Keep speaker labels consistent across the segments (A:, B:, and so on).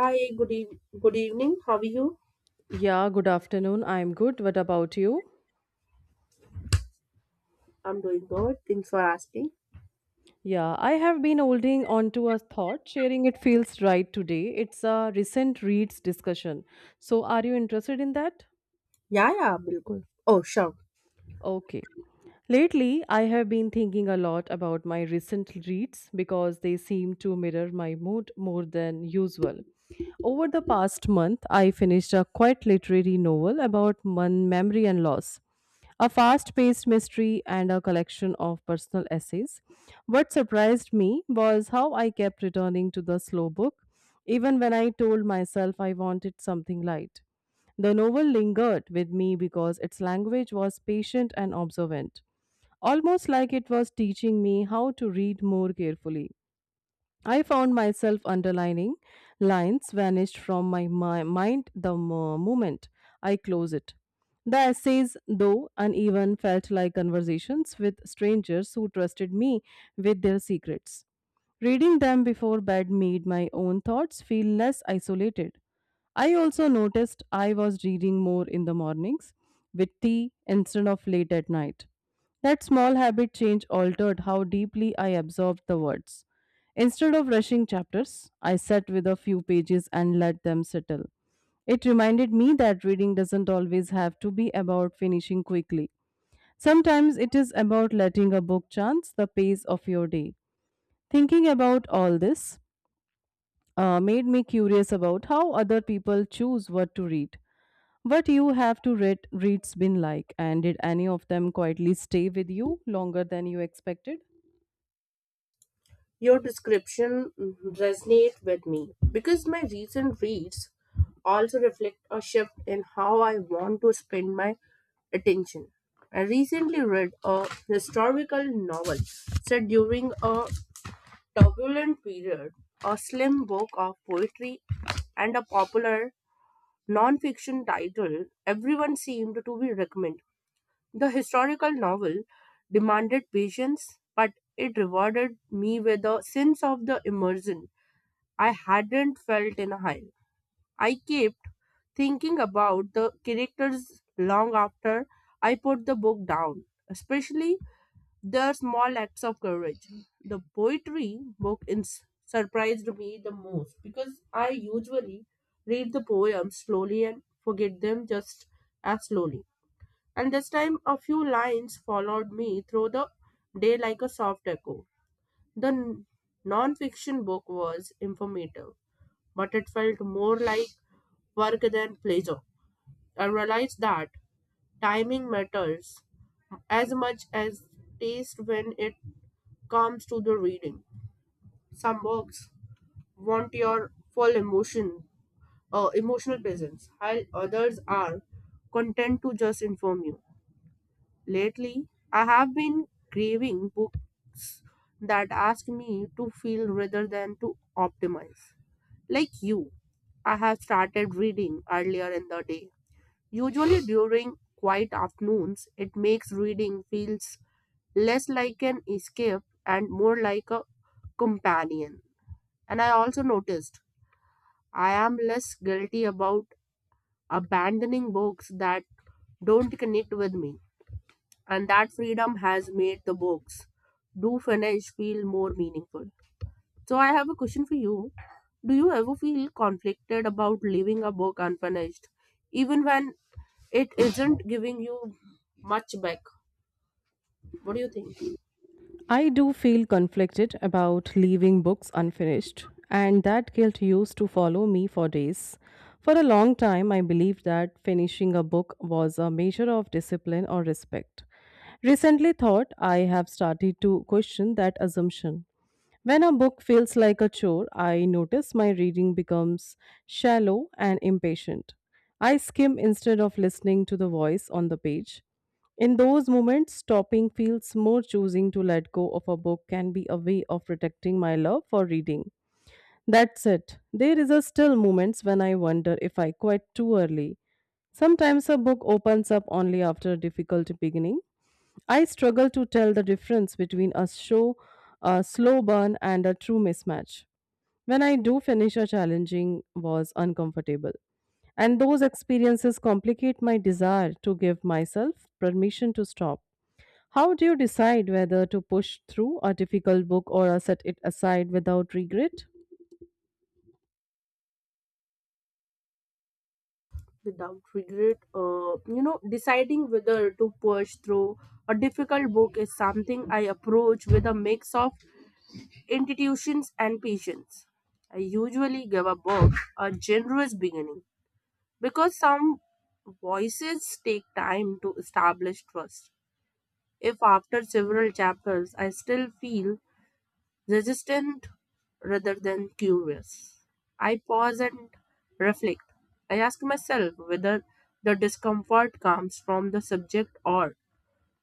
A: Hi, good evening. How are you?
B: Yeah, good afternoon. I'm good. What about you?
A: I'm doing good. Thanks for asking.
B: Yeah, I have been holding on to a thought. Sharing it feels right today. It's a recent reads discussion. So, are you interested in that?
A: Yeah, yeah, bilkul. Oh, sure.
B: Okay. Lately, I have been thinking a lot about my recent reads because they seem to mirror my mood more than usual. Over the past month, I finished a quite literary novel about memory and loss, a fast paced mystery, and a collection of personal essays. What surprised me was how I kept returning to the slow book, even when I told myself I wanted something light. The novel lingered with me because its language was patient and observant almost like it was teaching me how to read more carefully. I found myself underlining lines vanished from my mind the moment I closed it. The essays, though uneven, felt like conversations with strangers who trusted me with their secrets. Reading them before bed made my own thoughts feel less isolated. I also noticed I was reading more in the mornings with tea instead of late at night. That small habit change altered how deeply I absorbed the words. Instead of rushing chapters, I sat with a few pages and let them settle. It reminded me that reading doesn't always have to be about finishing quickly. Sometimes it is about letting a book chance the pace of your day. Thinking about all this made me curious about how other people choose what to read. What you have to read reads been like, and did any of them quietly stay with you longer than you expected?
A: Your description resonate with me because my recent reads also reflect a shift in how I want to spend my attention. I recently read a historical novel set during a turbulent period, a slim book of poetry, and a popular non-fiction title everyone seemed to be recommending. The historical novel demanded patience, but it rewarded me with a sense of the immersion I hadn't felt in a while. I kept thinking about the characters long after I put the book down, especially their small acts of courage. The poetry book surprised me the most because I usually read the poems slowly and forget them just as slowly. And this time a few lines followed me through the day like a soft echo. The non-fiction book was informative, but it felt more like work than pleasure. I realized that timing matters as much as taste when it comes to the reading. Some books want your full emotional presence, while others are content to just inform you. Lately, I have been craving books that ask me to feel rather than to optimize. Like you, I have started reading earlier in the day. Usually during quiet afternoons, it makes reading feels less like an escape and more like a companion. And I also noticed I am less guilty about abandoning books that don't connect with me and that freedom has made the books do finish feel more meaningful. So I have a question for you. Do you ever feel conflicted about leaving a book unfinished, even when it isn't giving you much back? What do you think?
B: I do feel conflicted about leaving books unfinished, and that guilt used to follow me for days. For a long time, I believed that finishing a book was a measure of discipline or respect. Recently, thought I have started to question that assumption. When a book feels like a chore, I notice my reading becomes shallow and impatient. I skim instead of listening to the voice on the page. In those moments, stopping feels more choosing to let go of a book can be a way of protecting my love for reading. That's it. There is a still moments when I wonder if I quit too early. Sometimes a book opens up only after a difficult beginning. I struggle to tell the difference between a show, a slow burn, and a true mismatch. When I do finish a challenging was uncomfortable. And those experiences complicate my desire to give myself permission to stop. How do you decide whether to push through a difficult book or set it aside without regret?
A: Without regret, you know, deciding whether to push through a difficult book is something I approach with a mix of institutions and patience. I usually give a book a generous beginning because some voices take time to establish trust. If after several chapters I still feel resistant rather than curious, I pause and reflect. I ask myself whether the discomfort comes from the subject or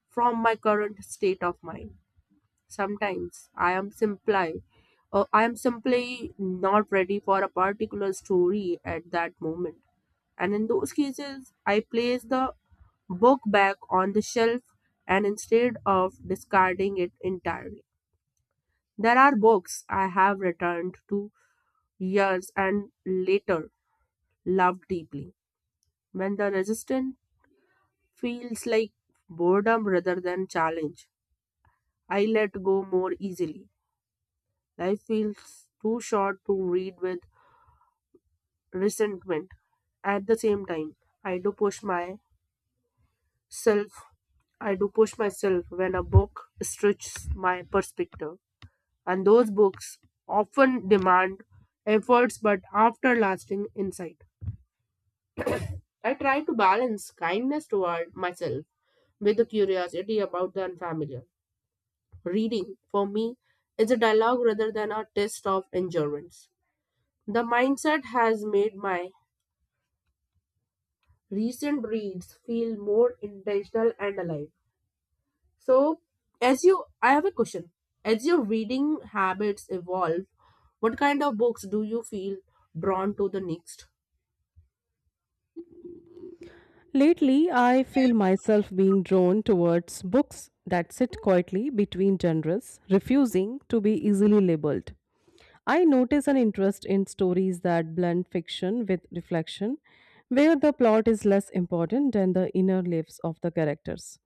A: from my current state of mind. Sometimes I am simply not ready for a particular story at that moment and in those cases, I place the book back on the shelf and instead of discarding it entirely. There are books I have returned to years and later loved deeply. When the resistance feels like boredom rather than challenge, I let go more easily. Life feels too short to read with resentment. At the same time, I do push my self I do push myself when a book stretches my perspective. And those books often demand efforts but after lasting insight. I try to balance kindness toward myself with the curiosity about the unfamiliar. Reading, for me, is a dialogue rather than a test of endurance. The mindset has made my recent reads feel more intentional and alive. So, as you, I have a question. As your reading habits evolve, what kind of books do you feel drawn to the next?
B: Lately, I feel myself being drawn towards books that sit quietly between genres, refusing to be easily labeled. I notice an interest in stories that blend fiction with reflection, where the plot is less important than the inner lives of the characters.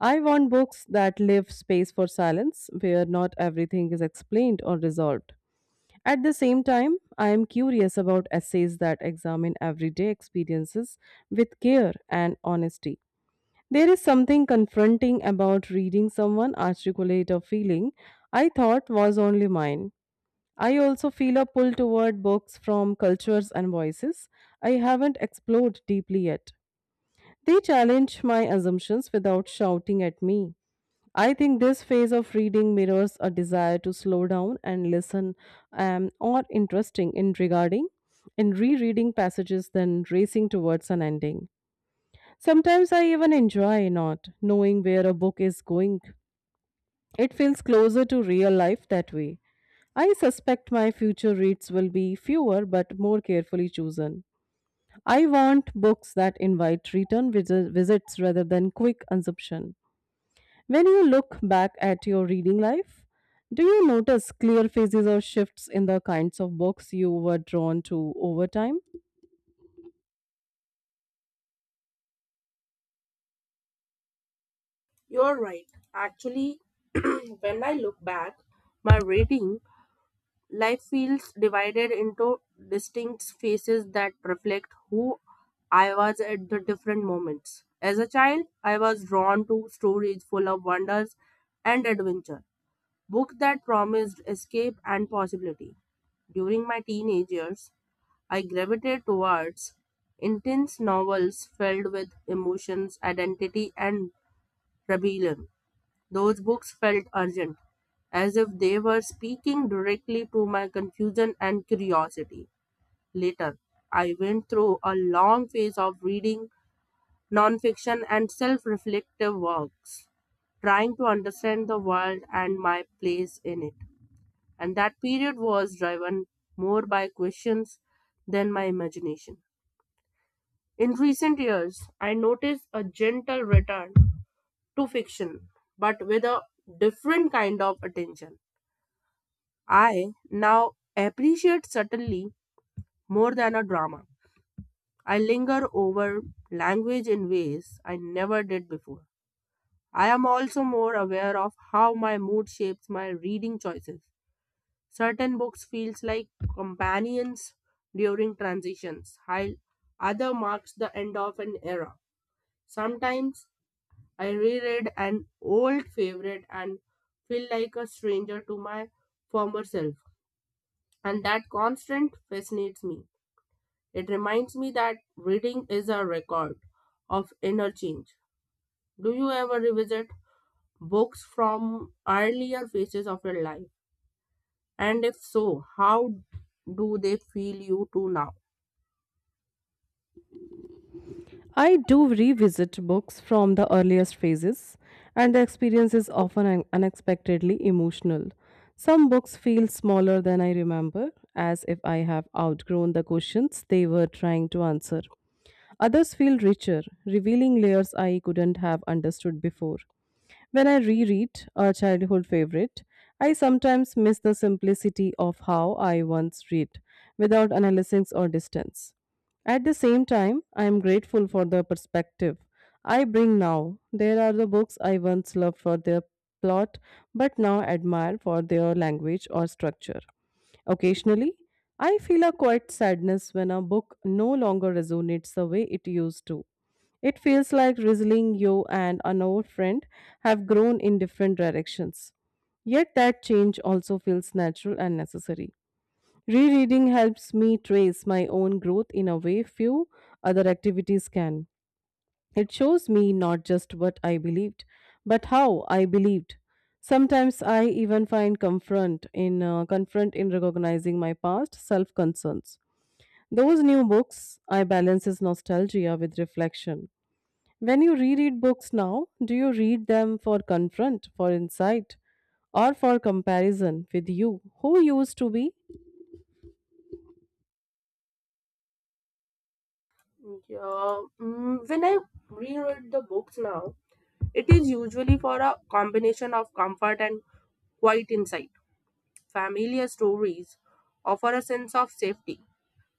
B: I want books that leave space for silence, where not everything is explained or resolved. At the same time, I am curious about essays that examine everyday experiences with care and honesty. There is something confronting about reading someone articulate a feeling I thought was only mine. I also feel a pull toward books from cultures and voices I haven't explored deeply yet. They challenge my assumptions without shouting at me. I think this phase of reading mirrors a desire to slow down and listen or interesting in regarding in rereading passages than racing towards an ending. Sometimes I even enjoy not knowing where a book is going. It feels closer to real life that way. I suspect my future reads will be fewer but more carefully chosen. I want books that invite return visits rather than quick consumption. When you look back at your reading life, do you notice clear phases or shifts in the kinds of books you were drawn to over time?
A: You're right. Actually, when I look back, my reading life feels divided into distinct phases that reflect who I was at the different moments. As a child, I was drawn to stories full of wonders and adventure. Book that promised escape and possibility. During my teenage years, I gravitated towards intense novels filled with emotions, identity, and rebellion. Those books felt urgent, as if they were speaking directly to my confusion and curiosity. Later, I went through a long phase of reading nonfiction and self reflective works, trying to understand the world and my place in it and that period was driven more by questions than my imagination. In recent years, I noticed a gentle return to fiction, but with a different kind of attention. I now appreciate subtlety more than a drama. I linger over language in ways I never did before. I am also more aware of how my mood shapes my reading choices. Certain books feels like companions during transitions, while other marks the end of an era. Sometimes I reread an old favorite and feel like a stranger to my former self, and that constant fascinates me. It reminds me that reading is a record of inner change. Do you ever revisit books from earlier phases of your life? And if so, how do they feel you to now?
B: I do revisit books from the earliest phases, and the experience is often unexpectedly emotional. Some books feel smaller than I remember, as if I have outgrown the questions they were trying to answer. Others feel richer, revealing layers I couldn't have understood before. When I reread a childhood favorite, I sometimes miss the simplicity of how I once read without analysis or distance. At the same time, I am grateful for the perspective I bring now. There are the books I once loved for their plot but now admire for their language or structure. Occasionally, I feel a quiet sadness when a book no longer resonates the way it used to it feels like Rizzling, you, and an old friend have grown in different directions. Yet that change also feels natural and necessary. Rereading helps me trace my own growth in a way few other activities can. It shows me not just what I believed, but how I believed. Sometimes I even find comfort in confront in recognizing my past self concerns. Those new books I balances nostalgia with reflection. When you reread books now, do you read them for confront, for insight, or for comparison with you, who used to be?
A: Yeah. When I reread the books now, it is usually for a combination of comfort and quiet insight. Familiar stories offer a sense of safety,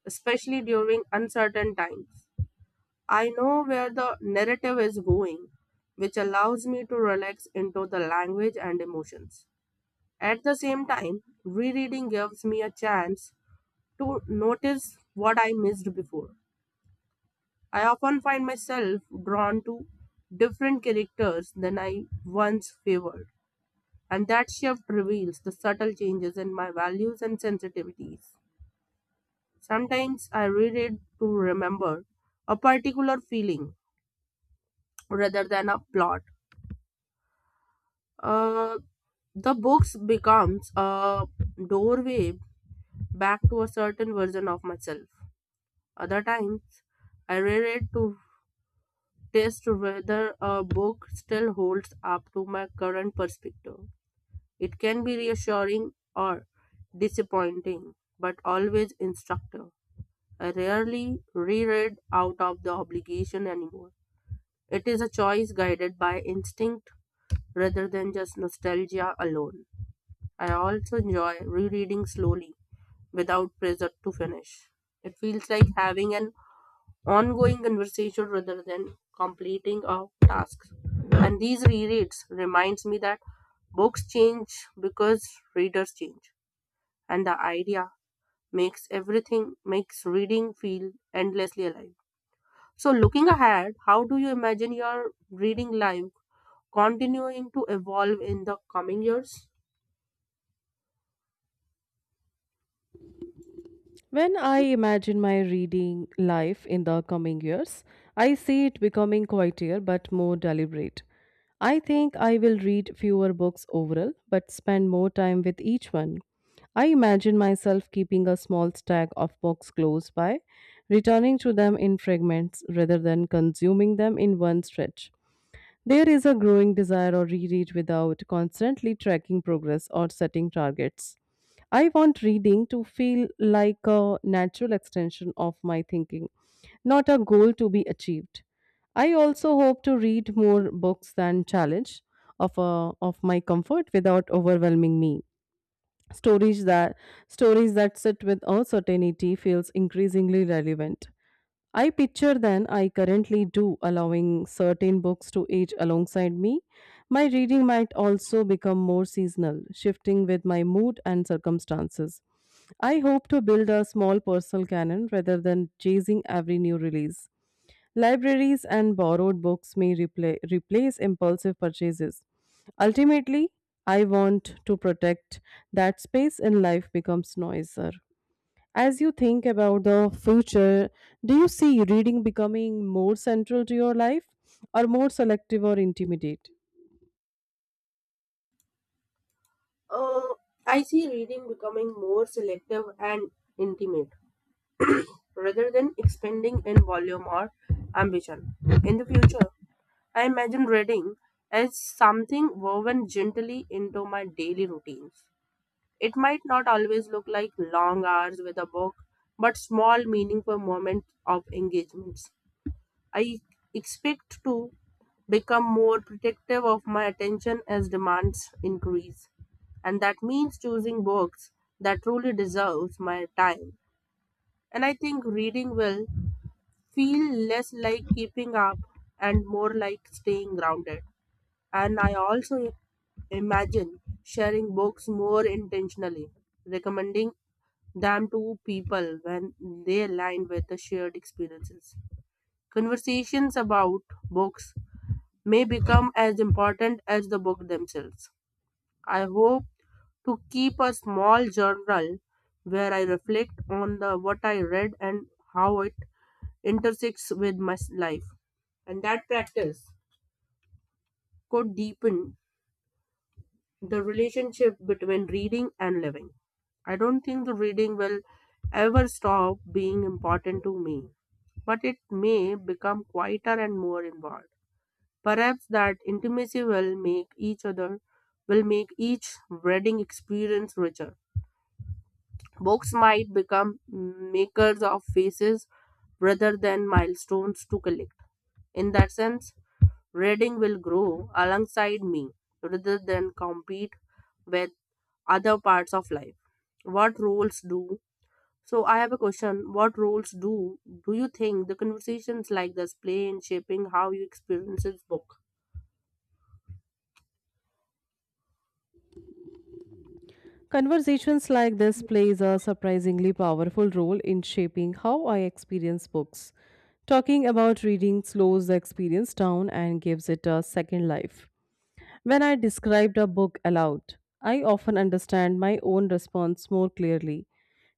A: especially during uncertain times. I know where the narrative is going, which allows me to relax into the language and emotions. At the same time, rereading gives me a chance to notice what I missed before I often find myself drawn to different characters than I once favored, and that shift reveals the subtle changes in my values and sensitivities. Sometimes I read to remember a particular feeling rather than a plot. Uh, the books becomes a doorway back to a certain version of myself. Other times, I read to test whether a book still holds up to my current perspective. It can be reassuring or disappointing, but always instructive. I rarely reread out of the obligation anymore. It is a choice guided by instinct rather than just nostalgia alone. I also enjoy rereading slowly without pressure to finish. It feels like having an ongoing conversation rather than completing of tasks. And these rereads reminds me that books change because readers change, and the idea makes everything makes reading feel endlessly alive. So looking ahead, how do you imagine your reading life continuing to evolve in the coming years?
B: When I imagine my reading life in the coming years, I see it becoming quieter but more deliberate. I think I will read fewer books overall, but spend more time with each one. I imagine myself keeping a small stack of books close by, returning to them in fragments rather than consuming them in one stretch. There is a growing desire or reread without constantly tracking progress or setting targets. I want reading to feel like a natural extension of my thinking, not a goal to be achieved. I also hope to read more books than challenge of my comfort without overwhelming me. Stories that Stories that sit with uncertainty feels increasingly relevant. I picture than I currently do, allowing certain books to age alongside me. My reading might also become more seasonal, shifting with my mood and circumstances. I hope to build a small personal canon rather than chasing every new release. Libraries and borrowed books may replace impulsive purchases. Ultimately, I want to protect that space in life becomes noisier. As you think about the future, do you see reading becoming more central to your life or more selective or intimidate?
A: Uh, I see reading becoming more selective and intimate rather than expanding in volume or ambition. In the future, I imagine reading as something woven gently into my daily routines. It might not always look like long hours with a book, but small, meaningful moments of engagements. I expect to become more protective of my attention as demands increase and that means choosing books that truly deserves my time and I think reading will feel less like keeping up and more like staying grounded. And I also imagine sharing books more intentionally, recommending them to people when they align with the shared experiences. Conversations about books may become as important as the book themselves. I hope to keep a small journal where I reflect on the what I read and how it intersects with life. And that practice could deepen the relationship between reading and living. I don't think the reading will ever stop being important to me, but it may become quieter and more involved. Perhaps that intimacy will make each reading experience richer. Books might become makers of faces rather than milestones to collect. In that sense, reading will grow alongside me rather than compete with other parts of life. What roles do so I have a question. What roles do you think the conversations like this play in shaping how you experience this book?
B: Conversations like this plays a surprisingly powerful role in shaping how I experience books. Talking about reading slows the experience down and gives it a second life. When I described a book aloud, I often understand my own response more clearly.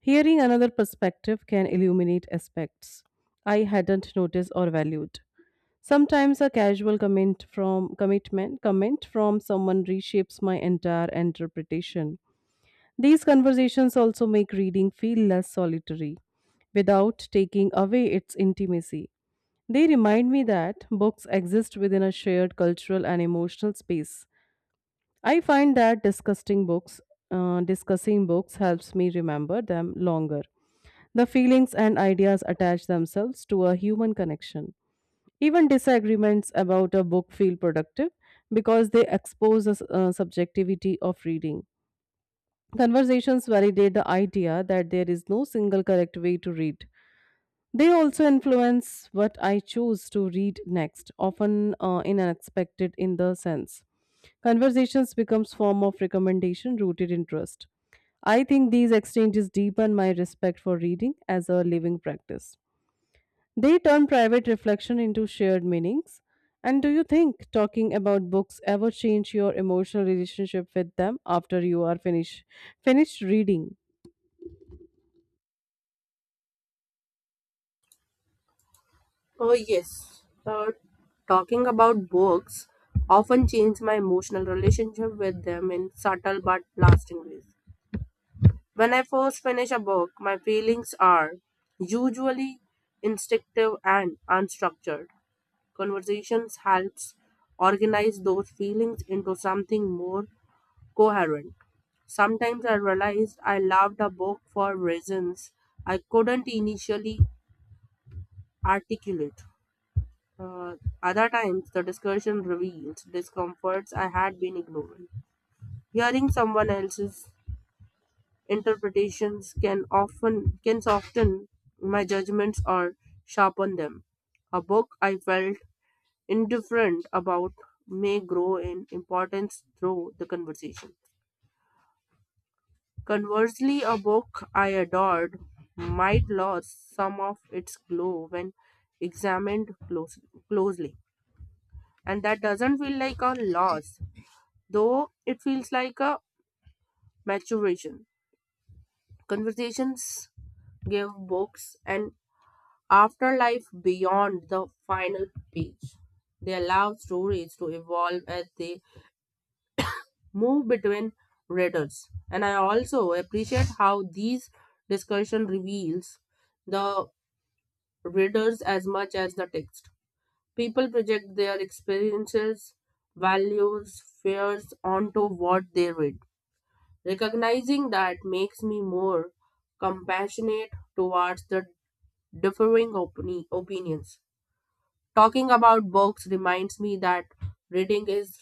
B: Hearing another perspective can illuminate aspects I hadn't noticed or valued. Sometimes a casual comment from commitment comment from someone reshapes my entire interpretation. These conversations also make reading feel less solitary without taking away its intimacy. They remind me that books exist within a shared cultural and emotional space I find that discussing discussing books helps me remember them longer. The feelings and ideas attach themselves to a human connection. Even disagreements about a book feel productive because they expose the subjectivity of reading. Conversations validate the idea that there is no single correct way to read. They also influence what I choose to read next, often in an unexpected in the sense. Conversations becomes form of recommendation rooted in trust. I think these exchanges deepen my respect for reading as a living practice. They turn private reflection into shared meanings. And do you think talking about books ever change your emotional relationship with them after you are finished reading?
A: Oh yes. Talking about books often change my emotional relationship with them in subtle but lasting ways. When I first finish a book, my feelings are usually instinctive and unstructured. Conversations helps organize those feelings into something more coherent. Sometimes I realized I loved a book for reasons I couldn't initially articulate. Uh, Other times, the discussion reveals discomforts I had been ignoring. Hearing someone else's interpretations can soften my judgments or sharpen them. A book I felt indifferent about may grow in importance through the conversation. Conversely, a book I adored might lose some of its glow when examined close, closely. And that doesn't feel like a loss, though it feels like a maturation. Conversations give books an afterlife beyond the final page. They allow stories to evolve as they move between readers. And I also appreciate how these discussion reveals the readers as much as the text. People project their experiences, values, fears onto what they read. Recognizing that makes me more compassionate towards the opinions. Talking about books reminds me that reading is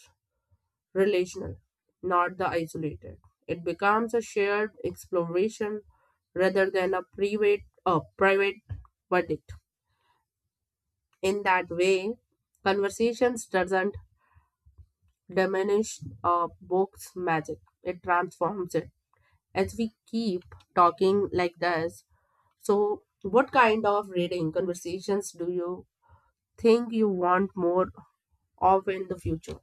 A: relational, not the isolated. It becomes a shared exploration rather than a private verdict. In that way, conversations doesn't diminish a book's magic. It transforms it. As we keep talking like this, so what kind of reading conversations do you think you want more of in the future?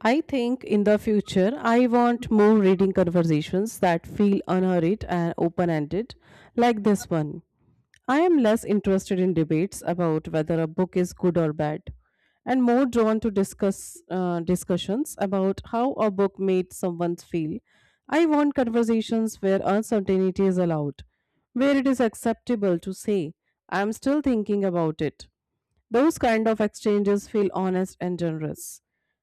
B: I think in the future, I want more reading conversations that feel unhurried and open ended, like this one. I am less interested in debates about whether a book is good or bad, and more drawn to discussions about how a book made someone feel. I want conversations where uncertainty is allowed, where it is acceptable to say, I am still thinking about it, those kind of exchanges feel honest and generous.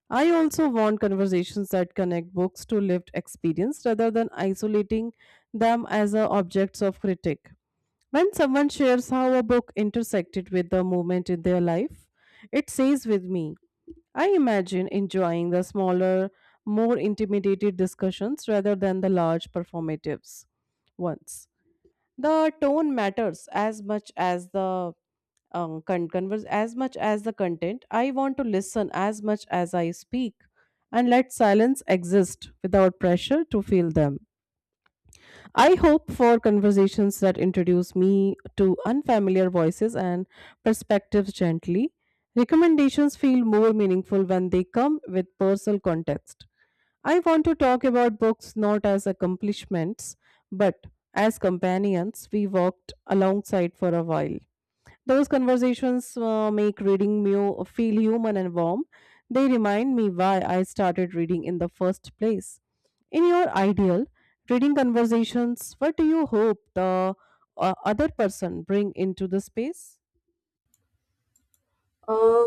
B: I also want conversations that connect books to lived experience rather than isolating them as a objects of critique. When someone shares how a book intersected with the moment in their life, it stays with me. I imagine enjoying the smaller, more intimidated discussions rather than the large performatives ones. The tone matters as much as the converse as much as the content. I want to listen as much as I speak and let silence exist without pressure to feel them. I hope for conversations that introduce me to unfamiliar voices and perspectives gently. Recommendations feel more meaningful when they come with personal context. I want to talk about books not as accomplishments but as companions we walked alongside for a while. Those conversations make reading me feel human and warm. They remind me why I started reading in the first place. In your ideal reading conversations, what do you hope the other person bring into the space?
A: Uh,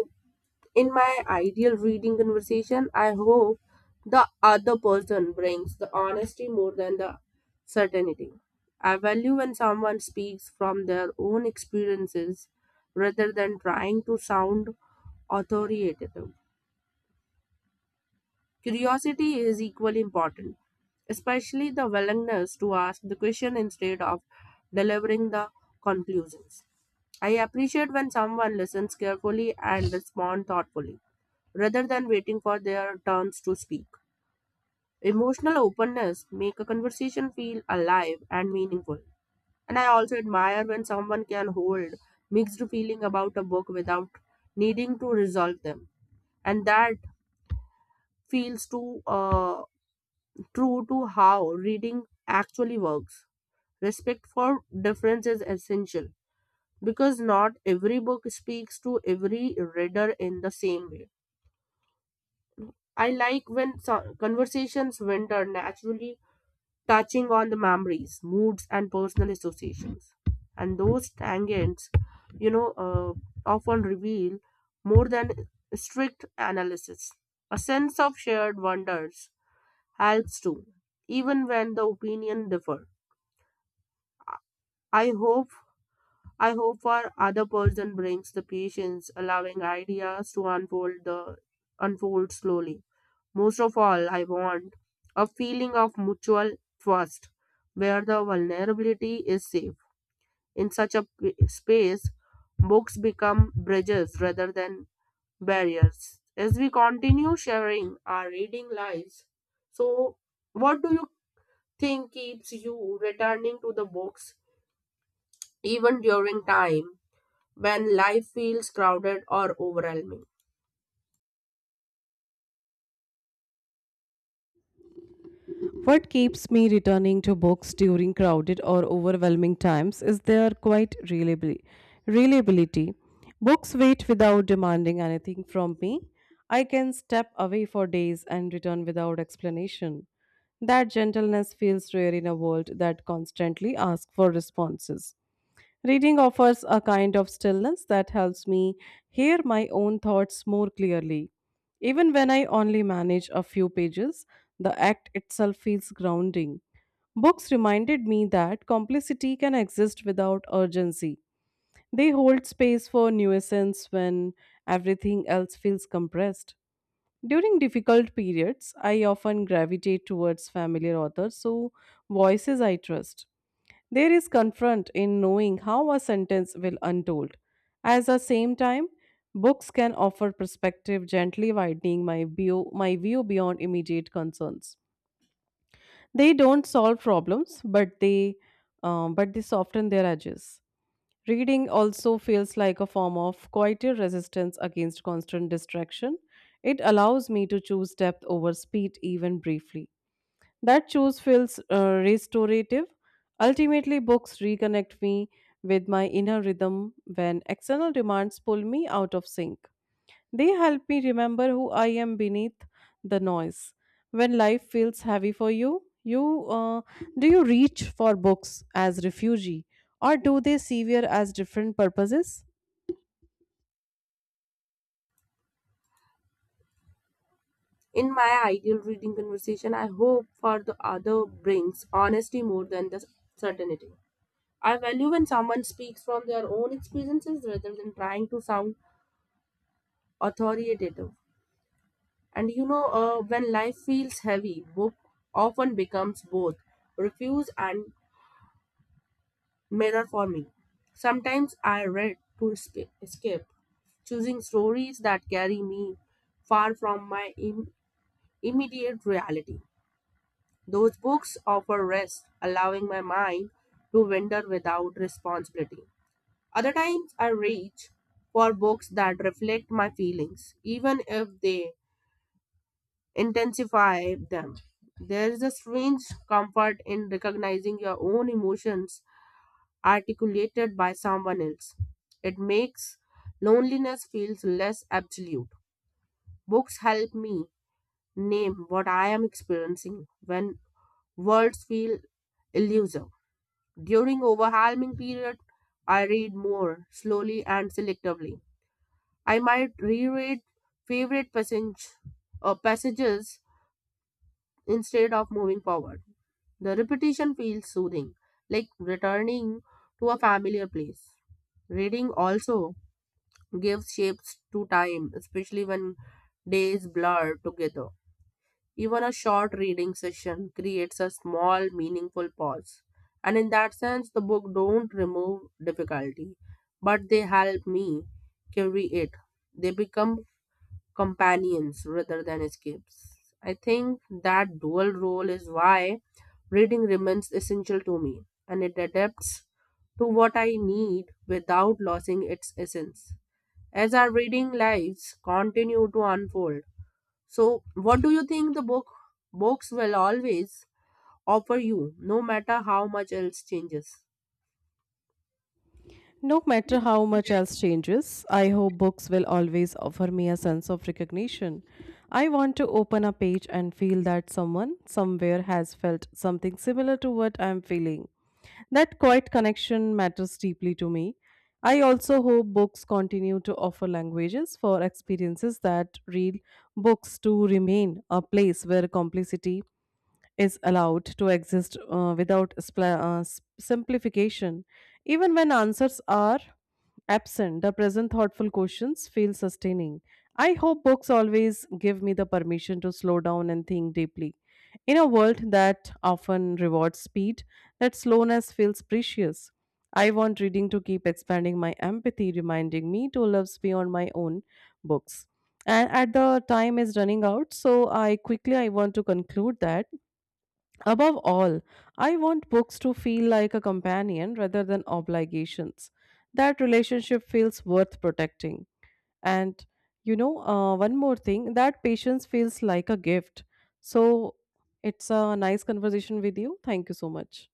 A: In my ideal reading conversation, I hope the other person brings the honesty more than the certainty. I value when someone speaks from their own experiences rather than trying to sound authoritative. Curiosity is equally important, especially the willingness to ask the question instead of delivering the conclusions. I appreciate when someone listens carefully and responds thoughtfully, rather than waiting for their turns to speak. Emotional openness make a conversation feel alive and meaningful. And I also admire when someone can hold mixed feeling about a book without needing to resolve them. And that feels too true to how reading actually works. Respect for difference is essential because not every book speaks to every reader in the same way. I like when conversations winter naturally touching on the memories, moods, and personal associations. And those tangents, you know, uh, often reveal more than strict analysis. A sense of shared wonders helps too, even when the opinion differ I hope I hope our other person brings the patience, allowing ideas to unfold slowly. Most of all, I want a feeling of mutual trust, where the vulnerability is safe. In such space, books become bridges rather than barriers. As we continue sharing our reading lives, so what do you think keeps you returning to the books even during time? When life feels crowded or overwhelming.
B: What keeps me returning to books during crowded or overwhelming times is their reliability. Books wait without demanding anything from me. I can step away for days and return without explanation. That gentleness feels rare in a world that constantly asks for responses. Reading offers a kind of stillness that helps me hear my own thoughts more clearly. Even when I only manage a few pages, the act itself feels grounding. Books reminded me that complicity can exist without urgency. They hold space for nuisance when everything else feels compressed. During difficult periods, I often gravitate towards familiar authors, so voices I trust. There is comfort in knowing how a sentence will untold. At the same time, books can offer perspective, gently widening my view beyond immediate concerns. They don't solve problems, but they soften their edges. Reading also feels like a form of quieter resistance against constant distraction. It allows me to choose depth over speed, even briefly. That choice feels restorative. Ultimately, books reconnect me with my inner rhythm when external demands pull me out of sync. They help me remember who I am beneath the noise. When life feels heavy for you, do you reach for books as refugee, or do they sever as different purposes?
A: In my ideal reading conversation, I hope for the other brings honesty more than the certainty. I value when someone speaks from their own experiences rather than trying to sound authoritative. And you know, when life feels heavy, book often becomes both refuse and mirror for me. Sometimes I read to escape, choosing stories that carry me far from immediate reality. Those books offer rest, allowing my mind to wander without responsibility. Other times, I reach for books that reflect my feelings, even if they intensify them. There is a strange comfort in recognizing your own emotions articulated by someone else. It makes loneliness feels less absolute. Books help me name what I am experiencing when words feel elusive. During overwhelming period, I read more slowly and selectively. I might reread favorite passage, passages instead of moving forward. The repetition feels soothing, like returning to a familiar place. Reading also gives shapes to time, especially when days blur together. Even a short reading session creates a small, meaningful pause. And in that sense, the book don't remove difficulty, but they help me carry it. They become companions rather than escapes. I think that dual role is why reading remains essential to me, and it adapts to what I need without losing its essence. As our reading lives continue to unfold, so, what do you think the book books will always offer you, no matter how much else changes?
B: No matter how much else changes, I hope books will always offer me a sense of recognition. I want to open a page and feel that someone somewhere has felt something similar to what I am feeling. That quiet connection matters deeply to me. I also hope books continue to offer languages for experiences that read books to remain a place where complexity is allowed to exist without simplification. Even when answers are absent, the present thoughtful questions feel sustaining. I hope books always give me the permission to slow down and think deeply. In a world that often rewards speed, that slowness feels precious. I want reading to keep expanding my empathy, reminding me to love beyond my own books. And at the time is running out, so I quickly I want to conclude that above all, I want books to feel like a companion rather than obligations. That relationship feels worth protecting. And one more thing that patience feels like a gift. So it's a nice conversation with you. Thank you so much.